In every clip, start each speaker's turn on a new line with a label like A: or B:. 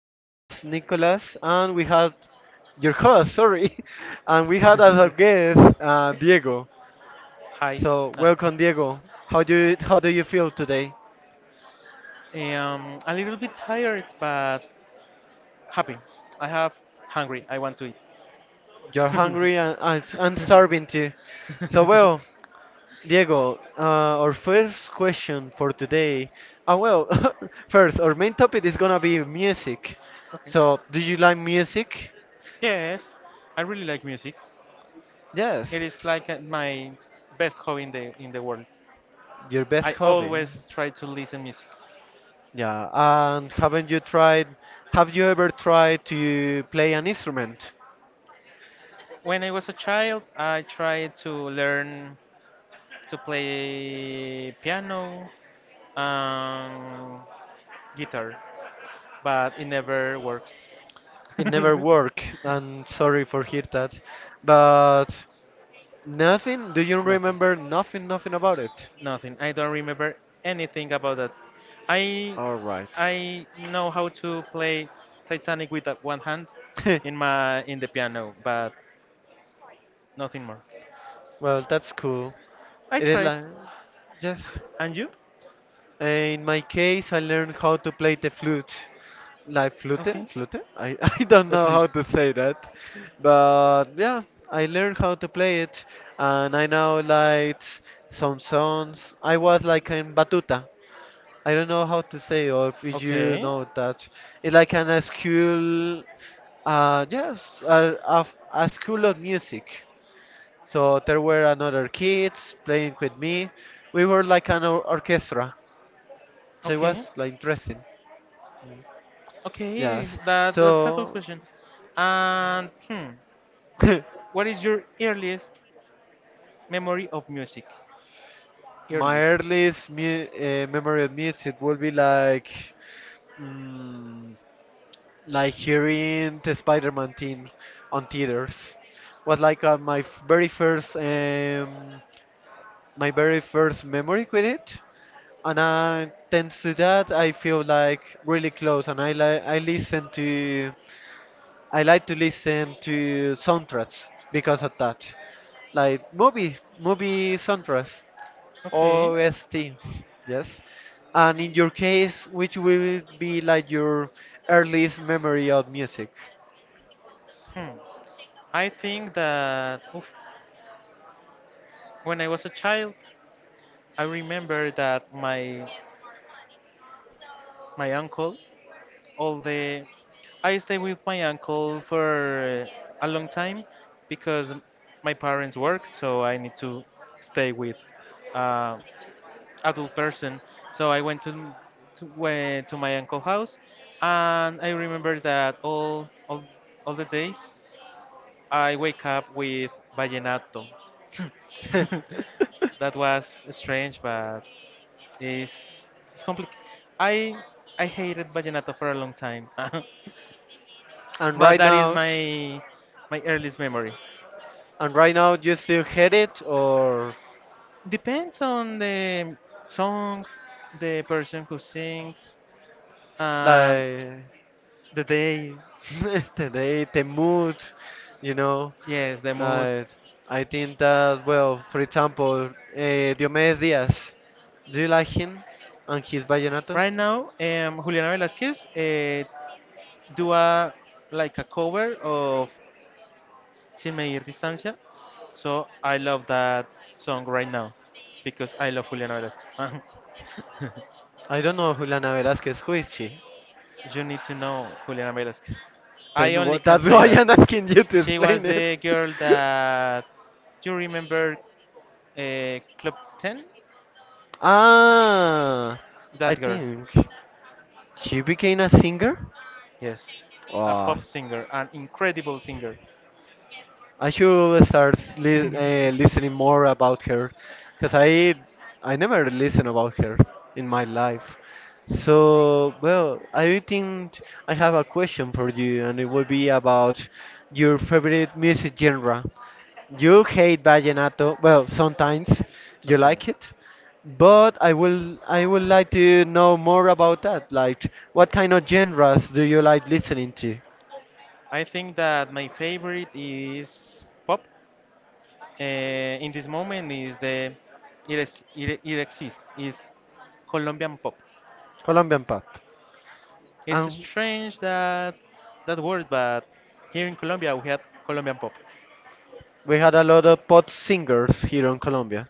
A: your guest Nicolas, and we had your host, sorry, and we had as our guest Diego.
B: Hi.
A: So welcome, Diego. How do you feel today?
B: A little bit tired, but happy. I have hungry. I want to eat.
A: You're hungry and starving too. So well, Diego, our first question for today. Uh, well, first our main topic is gonna be music.
B: Okay.
A: So do you like music?
B: Yes, I really like music.
A: Yes.
B: It is like my best hobby in the world.
A: Your best
B: I
A: hobby.
B: always try to listen music.
A: Yeah, and haven't you tried? Have you ever tried to play an instrument?
B: When I was a child, I tried to learn to play piano and guitar, but it never works.
A: It never worked, and sorry for hear that, but nothing. Do you
B: Nothing.
A: remember nothing about it?
B: Nothing. I don't remember anything about that. I
A: All right.
B: I know how to play Titanic with one hand in my in the piano, but nothing more.
A: Well, that's cool.
B: I
A: It is
B: tried.
A: like, yes.
B: And you?
A: In my case, I learned how to play the flute. Like flute?
B: Okay.
A: Flute? I, I don't
B: The
A: know how
B: fleet.
A: to say that. But yeah, I learned how to play it. And I now like some songs. I was like in batuta. I don't know how to say or if you
B: Okay.
A: know that. It's like an a school, yes, a school of music. So there were another kids playing with me. We were like an orchestra. So it
B: Okay.
A: was like interesting.
B: Okay.
A: Yes.
B: That that's a good
A: So
B: question. And what is your earliest memory of music?
A: my
B: Earliest.
A: earliest memory of music will be like, mm, like hearing the Spider-Man theme on theaters. Was like my very first, my very first memory with it. And thanks to that, I feel like really close, and I like to listen to soundtracks because of that. Like movie soundtracks,
B: Okay.
A: OSTs, yes. And in your case, which will be like your earliest memory of music?
B: Hmm. I think that oof, when I was a child, I remember that my uncle, all the I stayed with my uncle for a long time because my parents work, so I need to stay with uh, adult person. So I went to my uncle house, and I remember that all the days I wake up with vallenato. That was strange, but It's it's complicated. I I hated vallenato for a long time,
A: And
B: but
A: right
B: that is
A: now,
B: my earliest memory.
A: you still hate it, or
B: Depends on the song, the person who sings, and
A: like
B: the day.
A: the date, the mood, you know.
B: Yes, the mood.
A: Like, I think that, well, for example, Diomedes Diaz, do you like him and his vallenato?
B: Right now, Juliana Velasquez do a like a cover of Sin Medir Distancia, so I love that song right now because I love Juliana Velasquez.
A: I don't know Juliana Velázquez, who is she?
B: You need to know Juliana Velasquez. I
A: Then
B: only
A: what,
B: can
A: that's
B: say
A: why
B: that.
A: I'm asking you to
B: She was
A: explain it.
B: the girl that. Do you remember Club 10?
A: Ah, I
B: That girl.
A: think she became a singer?
B: Yes. A
A: Wow,
B: pop singer, an incredible singer.
A: I should start listening more about her, because I never listen about her in my life. So well, I think I have a question for you, and it would be about your favorite music genre. You hate vallenato, well, sometimes you
B: Sometimes.
A: like it, but I would like to know more about that. Like, what kind of genres do you like listening to?
B: I think that my favorite is pop. In this moment is the. It exists. Is Colombian pop.
A: Colombian pop.
B: It's strange that that word, but here in Colombia we had Colombian pop.
A: We had a lot of pop singers here in Colombia.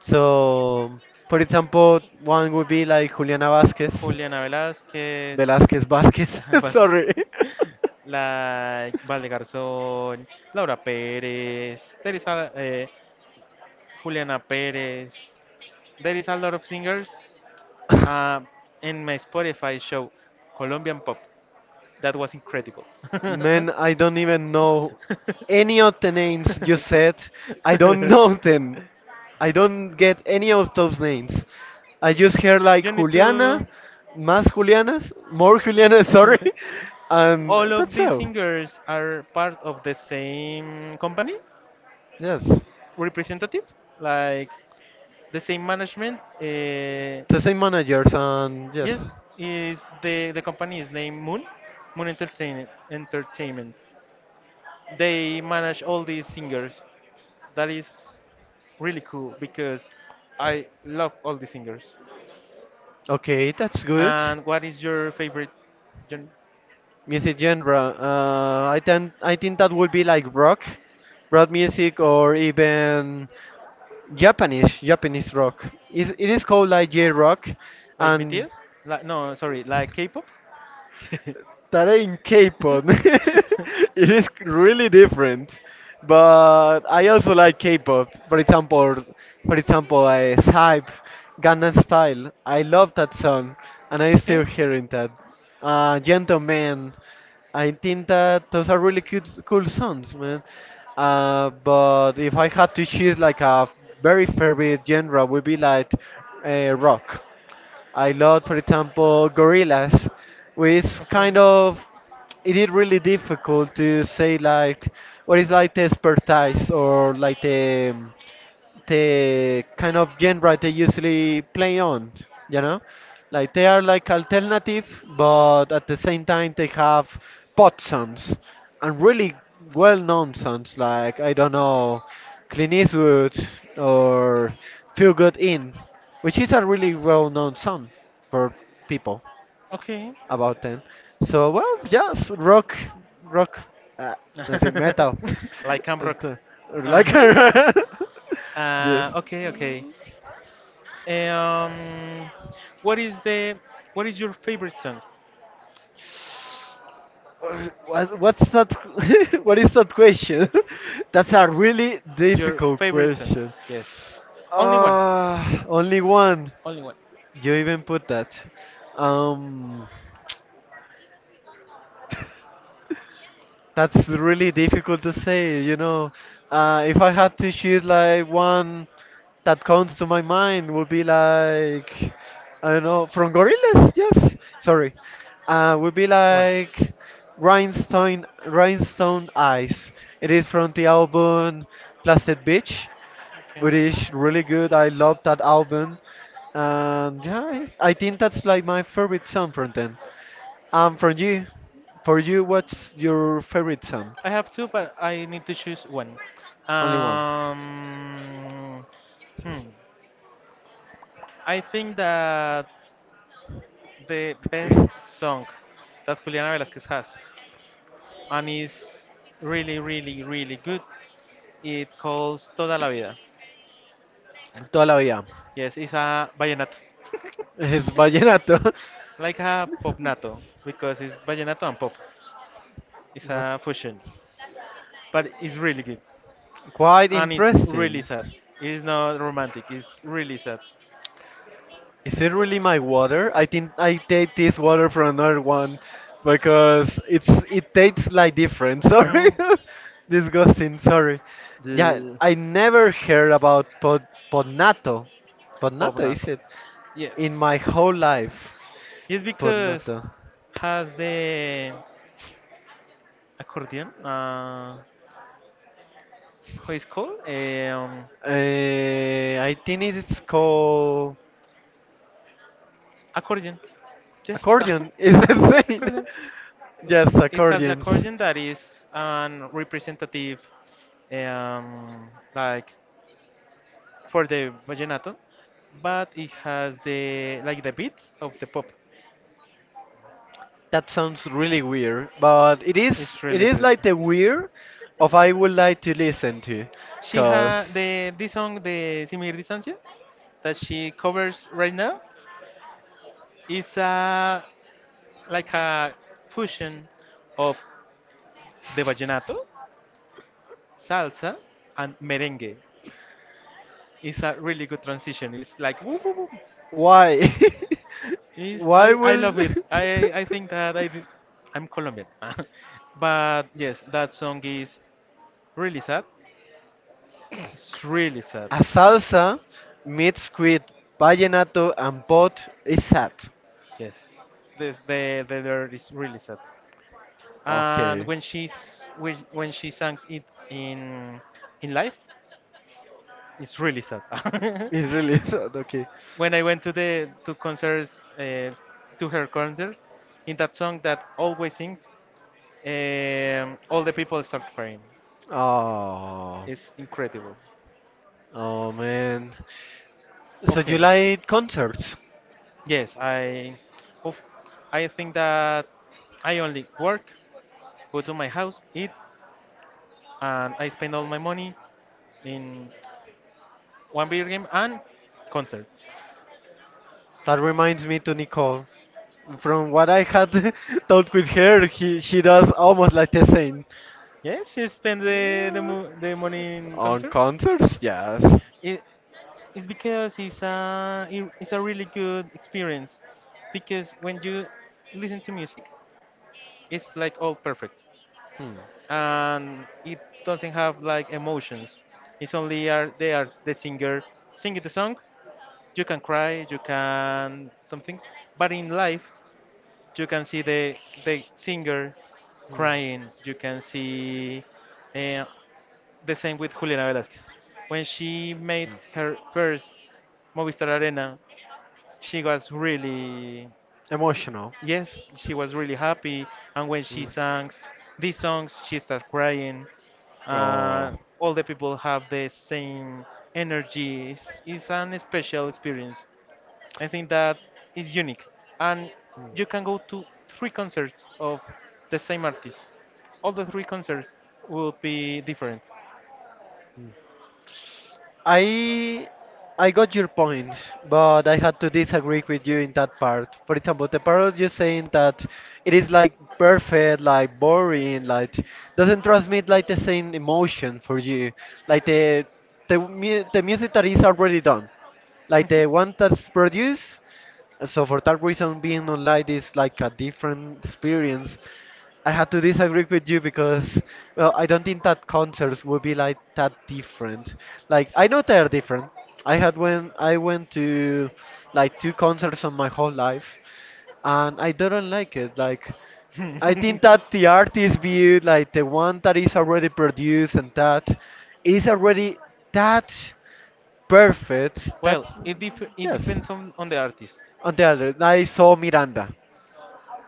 A: So, for example, one would be like Juliana Vasquez,
B: Juliana Velázquez,
A: Velázquez Vasquez,
B: Vázquez,
A: sorry.
B: la Valdegarzón, Laura Pérez, Teresa, eh, Juliana Pérez. There is a lot of singers uh, in my Spotify show, Colombian Pop. That was incredible.
A: Man, I don't even know any of the names you said. I don't know them. I don't get any of those names. I just hear
B: You
A: like
B: need to.
A: Juliana, más Julianas, more Julianas, sorry, and
B: All of
A: that's
B: these
A: how.
B: singers are part of the same company
A: Yes.
B: representative. Like the same management.
A: The same managers and
B: Yes,
A: yes.
B: is the company is named Moon, Moon Entertainment. They manage all these singers. That is really cool because I love all the singers.
A: Okay, that's good.
B: And what is your favorite, gen-
A: Music genre. I think that would be like rock, rock music, or even Japanese rock. Is it is called like J rock,
B: like
A: and
B: BTS? Like no, sorry, like K-pop.
A: that ain't K-pop. It is really different. But I also like K-pop. For example, I Hype, Gangnam Style. I love that song, and I still hearing that. Gentleman. I think that those are really cute, cool songs, man. But if I had to choose like a very favorite genre, would be like rock. I love, for example, Gorillas, which kind of it is really difficult to say like what is like the expertise or like the kind of genre they usually play on, you know? Like they are like alternative, but at the same time they have pop songs and really well known songs like, I don't know, Clint Eastwood or Feel Good In, which is a really well known song for people
B: Okay.
A: about 10. So, well, yes, rock, uh, I say metal.
B: Like Camp
A: And,
B: Rock. Ah.
A: like, yes.
B: Okay, okay. Um, what is the what is your favorite song?
A: What, what's that? What is that question? That's a really
B: Your
A: difficult
B: favorite song?
A: question.
B: Yes. Only one.
A: Ah, only one.
B: Only one.
A: You even put that. Um, That's really difficult to say, you know. If I had to choose like one that comes to my mind would be like, I don't know, from Gorillaz, yes. Sorry. Would be
B: One.
A: like Rhinestone Eyes. It is from the album Plastic Beach,
B: Okay.
A: which is really good. I love that album. And yeah, I think that's like my favorite song from them. Um, from you, for you, what's your favorite song?
B: I have two, but I need to choose one.
A: Only one.
B: Um, hmm. I think that the best song that Juliana Velasquez has and is really, really, really good. It calls Toda la Vida.
A: Toda la vida.
B: Yes, it's a vallenato,
A: It's vallenato.
B: like a popnato because it's vallenato and pop. It's
A: What?
B: a fusion, but it's really good.
A: Quite
B: And it's really
A: interesting.
B: sad. It's not romantic. It's really sad.
A: Is it really my water? I think I take this water from another one because it's it tastes like different. Sorry,
B: Mm,
A: disgusting. Sorry. Yeah,
B: the
A: I never heard about podnato. Podnato is
B: Pobnato.
A: it? In
B: Yes.
A: my whole life,
B: It's because
A: podnato.
B: has the accordion. How is called?
A: I think it's called
B: Accordion. Yes.
A: accordion. Is the thing.
B: Accordion.
A: Yes,
B: It has the
A: accordions.
B: accordion that is an representative, um, like for the vallenato, but it has the like the beat of the pop.
A: That sounds really weird, but
B: It's
A: it
B: really
A: is
B: good.
A: like the weird of I would like to listen to,
B: She
A: cause
B: had the this song, the Simir Distancia, that she covers right now, is a like a fusion of the vallenato, salsa, and merengue. It's a really good transition. It's like woo, woo, woo.
A: why?
B: Is
A: Why
B: I
A: will
B: love it. I think that I do- I'm Colombian. But yes, that song is really sad. It's really sad.
A: a salsa mixed with vallenato and pop is sad?
B: Yes. This the lyric is really sad. And
A: Okay,
B: when when she sang it in in live, it's really sad.
A: it's really sad. Okay.
B: When I went to the to concerts to her concerts, in that song that always sings, all the people start crying.
A: Oh.
B: It's incredible.
A: Oh man. So you
B: Okay.
A: like concerts?
B: Yes, I, oof, I think that I only work, go to my house, eat, and I spend all my money in one video game and concerts.
A: That reminds me to Nicole. From what I had talked with her, he, she does almost like the same.
B: Yes, you spend the the,
A: Yeah.
B: mo the money in
A: On
B: concerts.
A: concerts, yes.
B: It, it's because it's a it's a really good experience, because when you listen to music, it's like all perfect,
A: Hmm.
B: and it doesn't have like emotions. It's only are they are the singer singing the song you can cry, you can some things, but in life you can see the singer
A: Hmm.
B: crying. You can see uh, the same with Juliana Velasquez. When she made her first Movistar Arena, she was really
A: Emotional.
B: yes, she was really happy. And when she sang these songs, she started crying.
A: Oh.
B: Uh, all the people have the same energy. It's an special experience I think that is unique. And you can go to three concerts of the same artist. All the three concerts will be different.
A: I I got your point, but I had to disagree with you in that part. For example, the part of you saying that it is like perfect, like boring, like doesn't transmit like the same emotion for you, like the the music that is already done, like the one that's produced. So for that reason, being online is like a different experience. I had to disagree with you because, well, I don't think that concerts would be like that different. Like, I know they are different. I had when I went to like two concerts on my whole life, and I don't like it. Like, I think that the artist view, like the one that is already produced and that is already that perfect. That
B: Well, it, dif- it
A: yes.
B: depends on the artist.
A: On the other, I saw Miranda.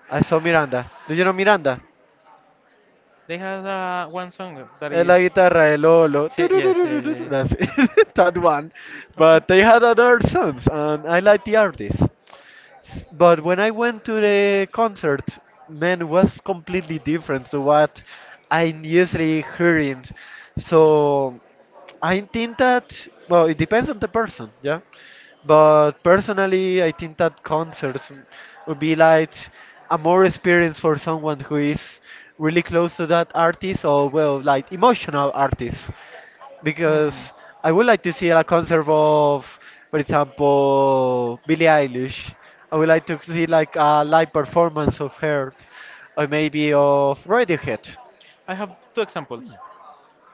A: I saw Miranda. Do you know Miranda?
B: They had one song that
A: And
B: is.
A: la guitarra, el Lolo,
B: Si- Yes, yes, yes.
A: that's it, that one.
B: Okay.
A: But they had other songs, and I like the artist. But when I went to the concert, man, it was completely different to what I'm usually hearing. So I think that, well, it depends on the person, yeah. But personally, I think that concerts would be like a more experience for someone who is really close to that artist or, well, like emotional artist
B: Hmm.
A: because I would like to see a concert of, for example, Billie Eilish. I would like to see like a live performance of her, or maybe of Radiohead.
B: I have two examples.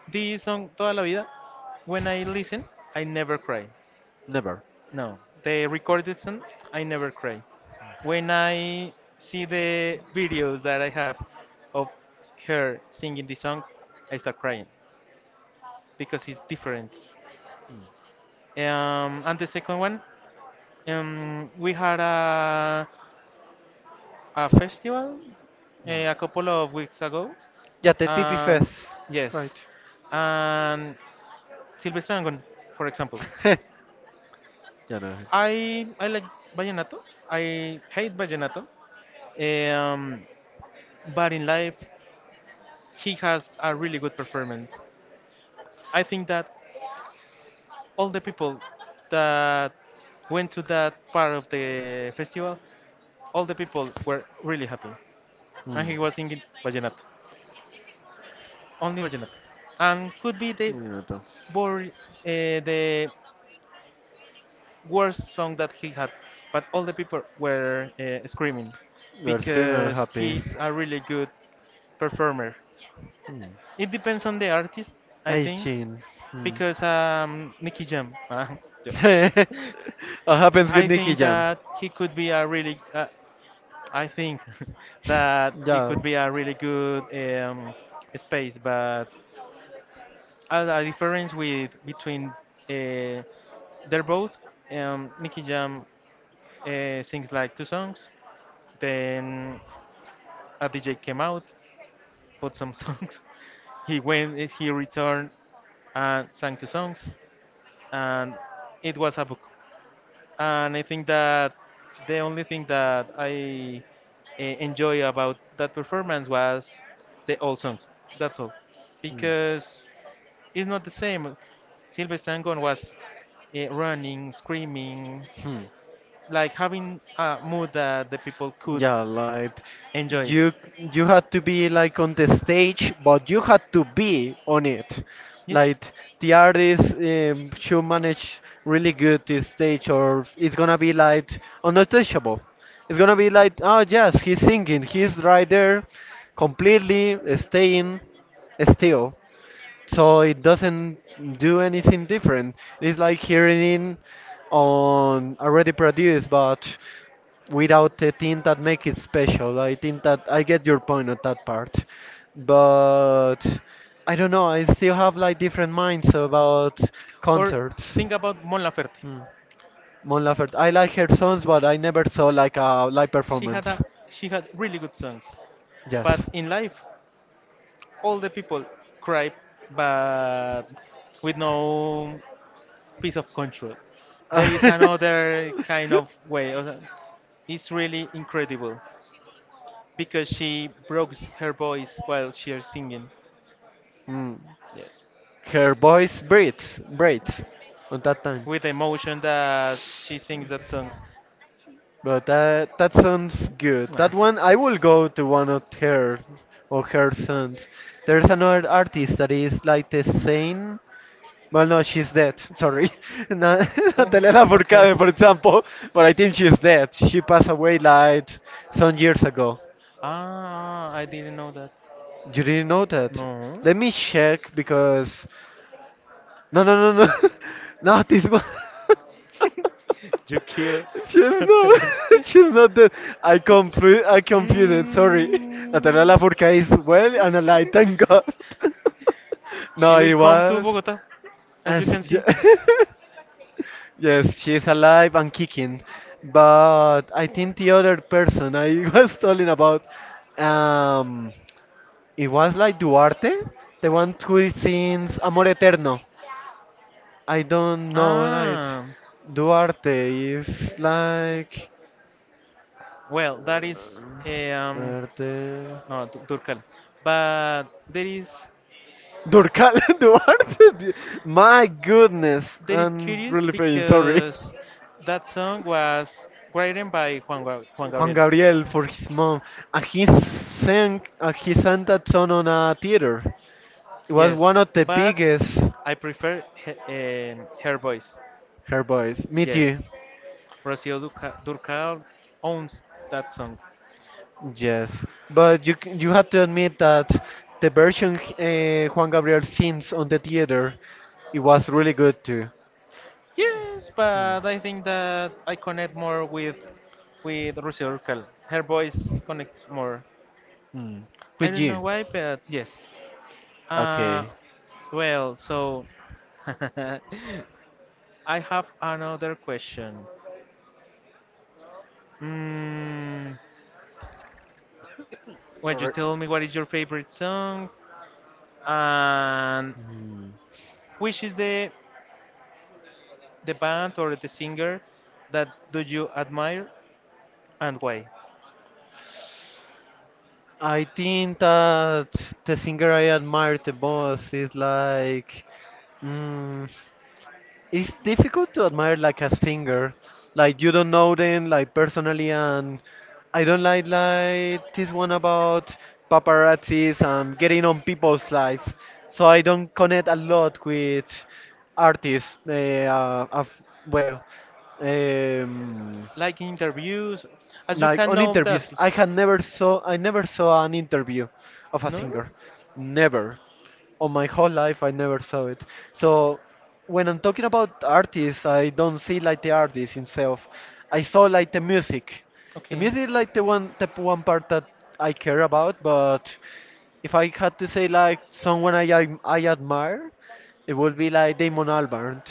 B: The song Toda la Vida, when I listen, I never cry.
A: Never.
B: No, the recorded song, I never cry when I see the videos that I have of her singing the song, I start crying because it's different. And the second one, we had a festival
A: Mm.
B: eh, a couple of weeks ago.
A: Yeah, the TP
B: Um,
A: Fest,
B: yes,
A: right?
B: and Silvestre Dangond, for example.
A: Yeah, no.
B: I like vallenato. I hate vallenato. eh, Um, but in life, he has a really good performance. I think that all the people that went to that part of the festival, all the people were really happy. And
A: Mm.
B: he was singing vallenato, only vallenato. And could be the
A: Minuto.
B: bor- the worst song that he had, but all the people were screaming
A: You're screaming and
B: because
A: happy.
B: he's a really good performer.
A: Mm.
B: It depends on the artist, I
A: Ay,
B: think,
A: chin. Mm.
B: because Nicky Jam,
A: What happens with
B: I
A: Nicky
B: think
A: Jam?
B: that he could be a really a, I think that it
A: Yeah.
B: could be a really good space, but a difference with between uh, they're both Nicky Jam sings like two songs, then a DJ came out, put some songs. He went, he returned and sang two songs, and it was a, and I think that the only thing that I enjoy about that performance was the old songs. That's all, because it's not the same. Sylvester Angone was running, screaming,
A: Hmm.
B: like having a mood that the people could
A: Yeah, like
B: enjoy.
A: you had to be like on the stage, but you had to be on it.
B: Yes.
A: Like the artist should manage really good this stage, or it's gonna be like untouchable. It's gonna be like, oh yes, he's singing, he's right there, completely staying still so it doesn't do anything different. It's like hearing in on already produced, but without the thing that make it special. I think that I get your point on that part, but I don't know. I still have like different minds about
B: Or
A: concerts.
B: think about Mon Laferte.
A: Hmm. Mon Laferte, I like her songs, but I never saw like a live
B: She had
A: performance.
B: a she had really good songs,
A: Yes.
B: but in life, all the people cry, but with no piece of control. There is another kind of way. Of- It's really incredible. Because she broke her voice while she is singing.
A: Hmm.
B: Yes.
A: Her voice breathes on that time.
B: With the emotion that she sings that songs.
A: But that sounds good. That one I will go to one of her or her sons. There's another artist that is like the same. Well, no, she's dead. Sorry, Na-
B: Oh,
A: Natalia
B: okay.
A: Lafourcade, for example. But I think she's dead. She passed away like some years ago.
B: Ah, I didn't know that.
A: You didn't know that?
B: No.
A: Let me check because no, no, no, no. Not this one.
B: You kill
A: She's not.
B: Natalia.
A: She's not dead. I I confused it. Sorry. Natalia
B: Mm,
A: Lafourcade is well and alive. Thank God.
B: she
A: No,
B: will
A: it
B: come to
A: was.
B: Bogota, as
A: As
B: you can see.
A: yes, she's alive and kicking. But I think the other person I was talking about, um, it was like Duarte, the one who sings Amor Eterno. I don't know, like
B: Ah.
A: Duarte is like
B: Well, that
A: uh,
B: is
A: Duarte.
B: no Turkal, but there is
A: Durcal Duarte. My goodness,
B: that is
A: I'm
B: curious
A: really praying. Sorry.
B: because that song was written by Juan
A: Juan
B: Gabriel.
A: Gabriel for his mom, and he sang that song on a theater. It was
B: Yes,
A: one of the
B: but
A: biggest.
B: I prefer he, her voice.
A: Her voice. Meet you.
B: Yes, Rocío Durcal owns that song.
A: Yes, but you have to admit that the version Juan Gabriel sings on the theater, it was really good too.
B: Yes, but I think that I connect more with Rocío Durcal. Her voice connects more.
A: Hmm.
B: I
A: With
B: don't
A: you,
B: know why, but yes. Uh,
A: okay.
B: well, so I have another question. Mm, when you
A: Sorry.
B: tell me what is your favorite song and
A: Hmm.
B: which is the band or the singer that do you admire and why?
A: I think that the singer I admire the most is like. mm, it's difficult to admire like a singer, like you don't know them like personally, and I don't like this one about paparazzis and getting on people's life. So I don't connect a lot with artists eh, of, well um,
B: Like interviews, as you
A: like
B: can
A: on
B: know of the
A: interviews.
B: artist.
A: I never saw an interview of a
B: No?
A: singer. Never on my whole life I never saw it. So when I'm talking about artists, I don't see like the artist himself, I saw like the music. The
B: Okay.
A: music is like the one part that I care about. But if I had to say like someone I admire, it would be like Damon Albarn.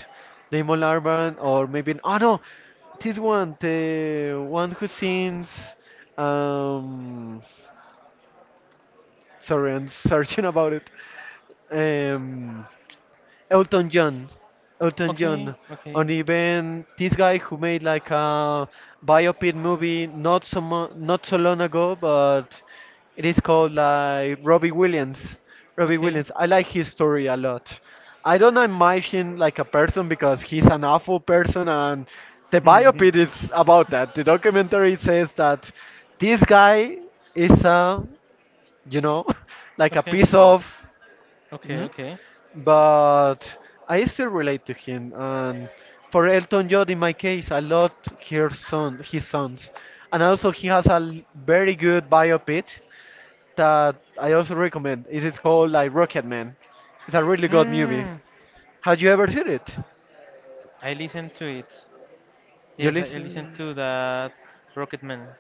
A: Damon Albarn, or maybe oh no, this one, the one who sings. Um, Sorry, I'm searching about it. Um, Elton John. Elton
B: Okay.
A: John.
B: Okay.
A: And even this guy who made like a biopic movie not so long ago, but it is called like Robbie Williams. Robbie
B: Okay.
A: Williams. I like his story a lot. I don't admire him like a person because he's an awful person, and the biopic is about that. The documentary says that this guy is a, you know, like a
B: Okay.
A: piece of.
B: Okay.
A: Mhm.
B: Okay.
A: But I still relate to him, and for Elton John, in my case, I loved his son, his sons, and also he has a very good biopic that I also recommend. It is called like Rocket Man. It's a really good movie.
B: Hmm.
A: Have you ever seen it?
B: I listened to it.
A: You
B: Yes, I listened
A: listen.
B: to that Rocketman.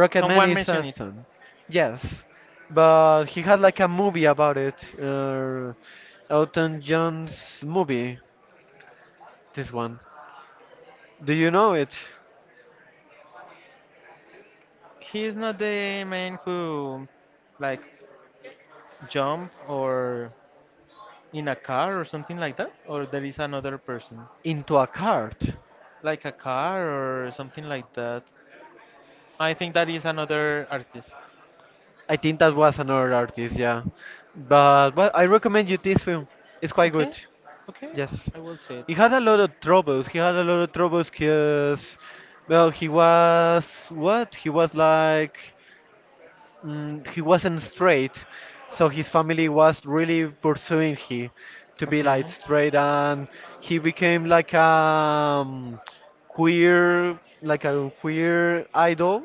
B: S-
A: Man
B: Someone
A: is
B: mentioned it.
A: Aston. Yes, but he had like a movie about it. Elton John's movie. This one. Do you know it?
B: He is not the man who, like, jump or in a car or something like that, or there is another person,
A: Into a Cart.
B: like a car or something like that. I think that is another artist.
A: I think that was another artist, yeah. But well, I recommend you this film. It's quite good.
B: Okay, okay,
A: Yes.
B: I will say it.
A: He had a lot of troubles. He had a lot of troubles because, well, he was what? He was like, he wasn't straight, so his family was really pursuing him to be like
B: Okay,
A: straight, and he became like a queer, like a queer idol.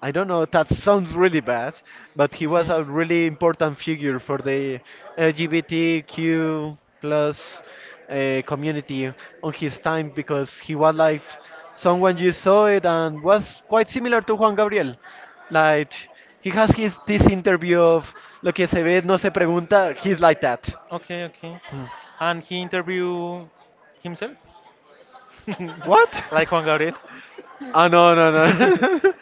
A: I don't know, that sounds really bad, but he was
B: okay.
A: a really important figure for the LGBTQ plus community on his time, because he was like someone you saw it and was quite similar to Juan Gabriel. Like he has his this interview of lo que se ve no se pregunta, he's like that.
B: Okay, okay. And he interview himself,
A: What?
B: like Juan Gabriel.
A: Ah, no no no.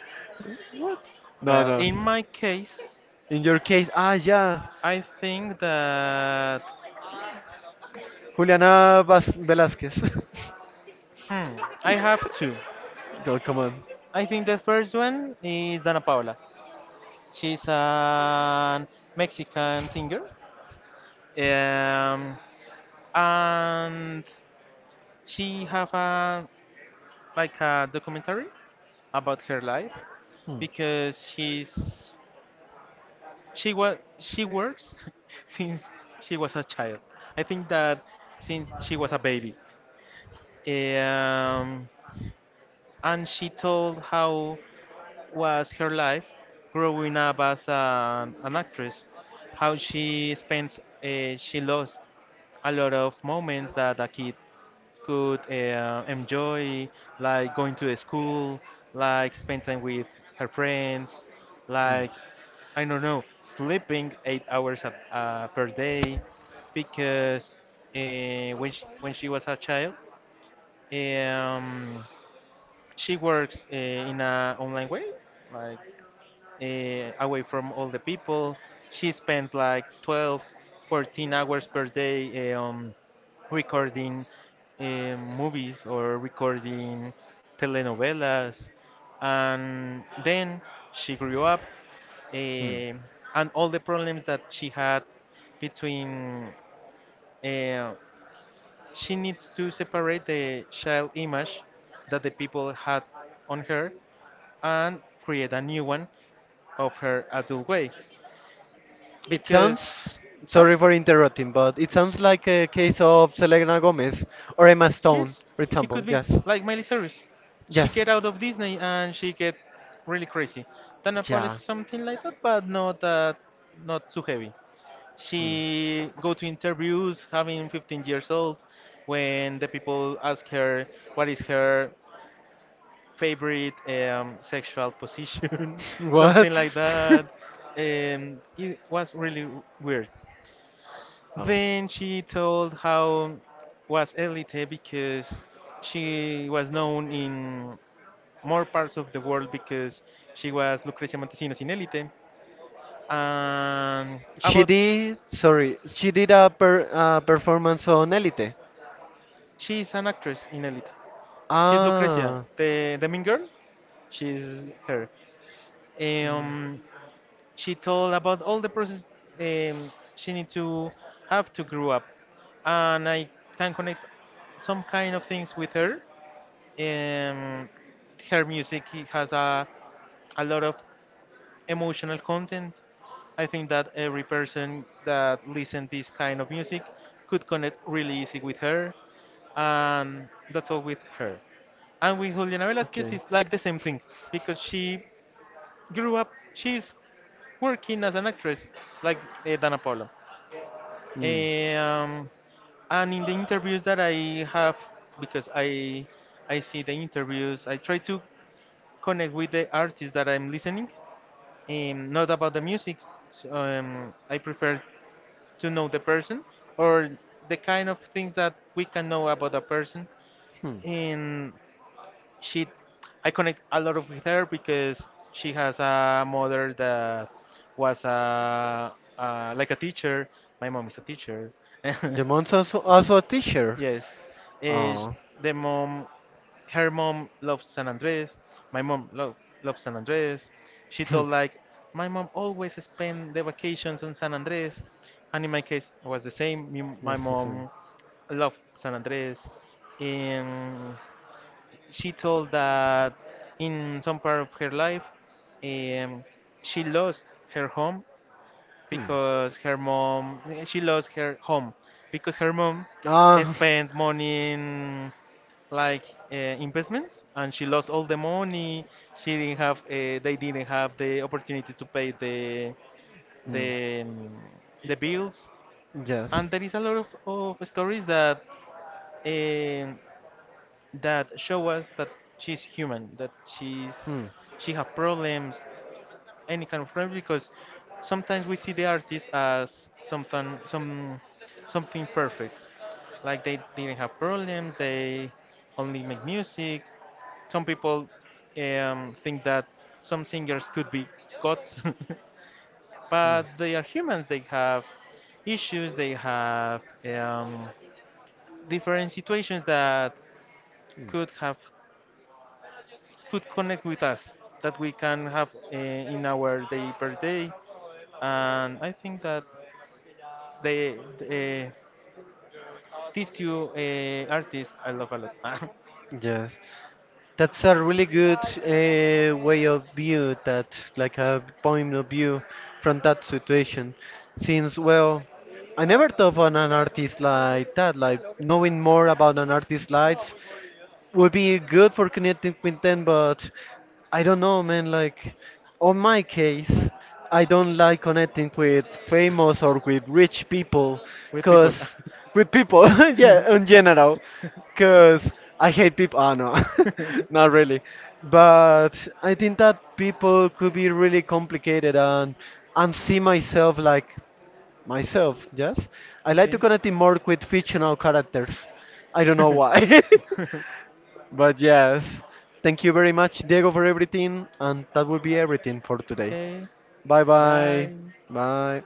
A: No
B: Well,
A: no.
B: in my case,
A: In your case, ah yeah.
B: I think that
A: Velasquez.
B: hmm, I have two.
A: Oh, come on.
B: I think the first one is Dana Paola. She's a Mexican singer, um, and she have a like a documentary about her life because she works since she was a child. I think that since she was a baby, um, and she told how was her life growing up as an actress, how she spends she lost a lot of moments that a kid could enjoy, like going to the school, like spend time with her friends, like I don't know, sleeping 8 hours a, per day, because when when she was a child, um, she works in a online way, like away from all the people. She spends like 12, 14 hours per day recording uh, movies or recording telenovelas. And then she grew up,
A: Hmm.
B: uh, and all the problems that she had between uh, she needs to separate the child image that the people had on her and create a new one of her adult way.
A: It
B: Because
A: sounds,
B: huh?
A: sorry for interrupting, but it sounds like a case of Selena Gomez or Emma Stone,
B: Yes,
A: for
B: it
A: example.
B: could be
A: Yes.
B: like Miley Cyrus. She
A: Yes.
B: get out of Disney and she get really crazy. Dana Paul is
A: Yeah.
B: something like that, but not that, not too heavy.
A: Hmm.
B: She go to interviews having 15 years old, when the people ask her what is her favorite sexual position,
A: What?
B: something like that. It was really weird. Then she told how was elite because she was known in more
A: Oh.
B: parts of the world because she was Lucrecia Montesinos in Elite. And
A: She
B: about
A: did, sorry, she did a performance on Elite.
B: she's an actress in Elite. She's Lucrecia,
A: Ah.
B: the mean girl. She's her. Um, she told about all the process she need to have to grow up, and I can connect some kind of things with her. Um, her music it has a lot of emotional content. I think that every person that listens this kind of music could connect really easy with her, and that's all with her. And with Juliana Velasquez, it's like the same thing because she grew up, she's working as an actress like Dana Paula.
A: Mm.
B: Um, and in the interviews that I have, because I see the interviews, I try to connect with the artist that I'm listening, not about the music. So, I prefer to know the person or the kind of things that we can know about a person.
A: Hmm.
B: And she, I connect a lot of with her because she has a mother that was a, like a teacher. My mom is a teacher.
A: The month's also, also a teacher.
B: Yes, is
A: Oh,
B: the mom her mom loves San Andres. My mom loves San Andres. She told like my mom always spend the vacations on San Andres, and in my case it was the same. Me, my
A: what's the same?
B: mom loved San Andres, and she told that in some part of her life, um, she lost her home
A: Hmm.
B: because her mom she lost her home because her mom
A: Ah,
B: spent money in like investments and she lost all the money she didn't have they didn't have the opportunity to pay
A: mm,
B: the um, the bills
A: yes.
B: and there is a lot of stories that um that show us that she's human, that
A: Hmm.
B: she have problems any kind of friends because sometimes we see the artist as something some something perfect like they didn't have problems, they only make music. Some people think that some singers could be gods
A: Hmm.
B: but they are humans. They have issues, they have um, different situations that
A: Hmm.
B: could have could connect with us, that we can have in our day per day. And I think that They, uh, these two artists, I love a lot.
A: Yes, that's a really good way of view that, like a point of view from that situation. Since, well, I never thought on an artist like that. Like knowing more about an artist like would be good for connecting with them, but I don't know, man. Like, on my case, I don't like connecting with famous or with rich people,
B: With people.
A: cause with people, yeah, in general, cause I hate people. Ah, no, not really. But I think that people could be really complicated, and see myself like myself. Yes, I like to
B: Okay.
A: connect more with fictional characters. I don't know why. But yes, thank you very much, Diego, for everything. And that will be everything for today.
B: Okay.
A: Bye bye.
B: Bye.
A: Bye.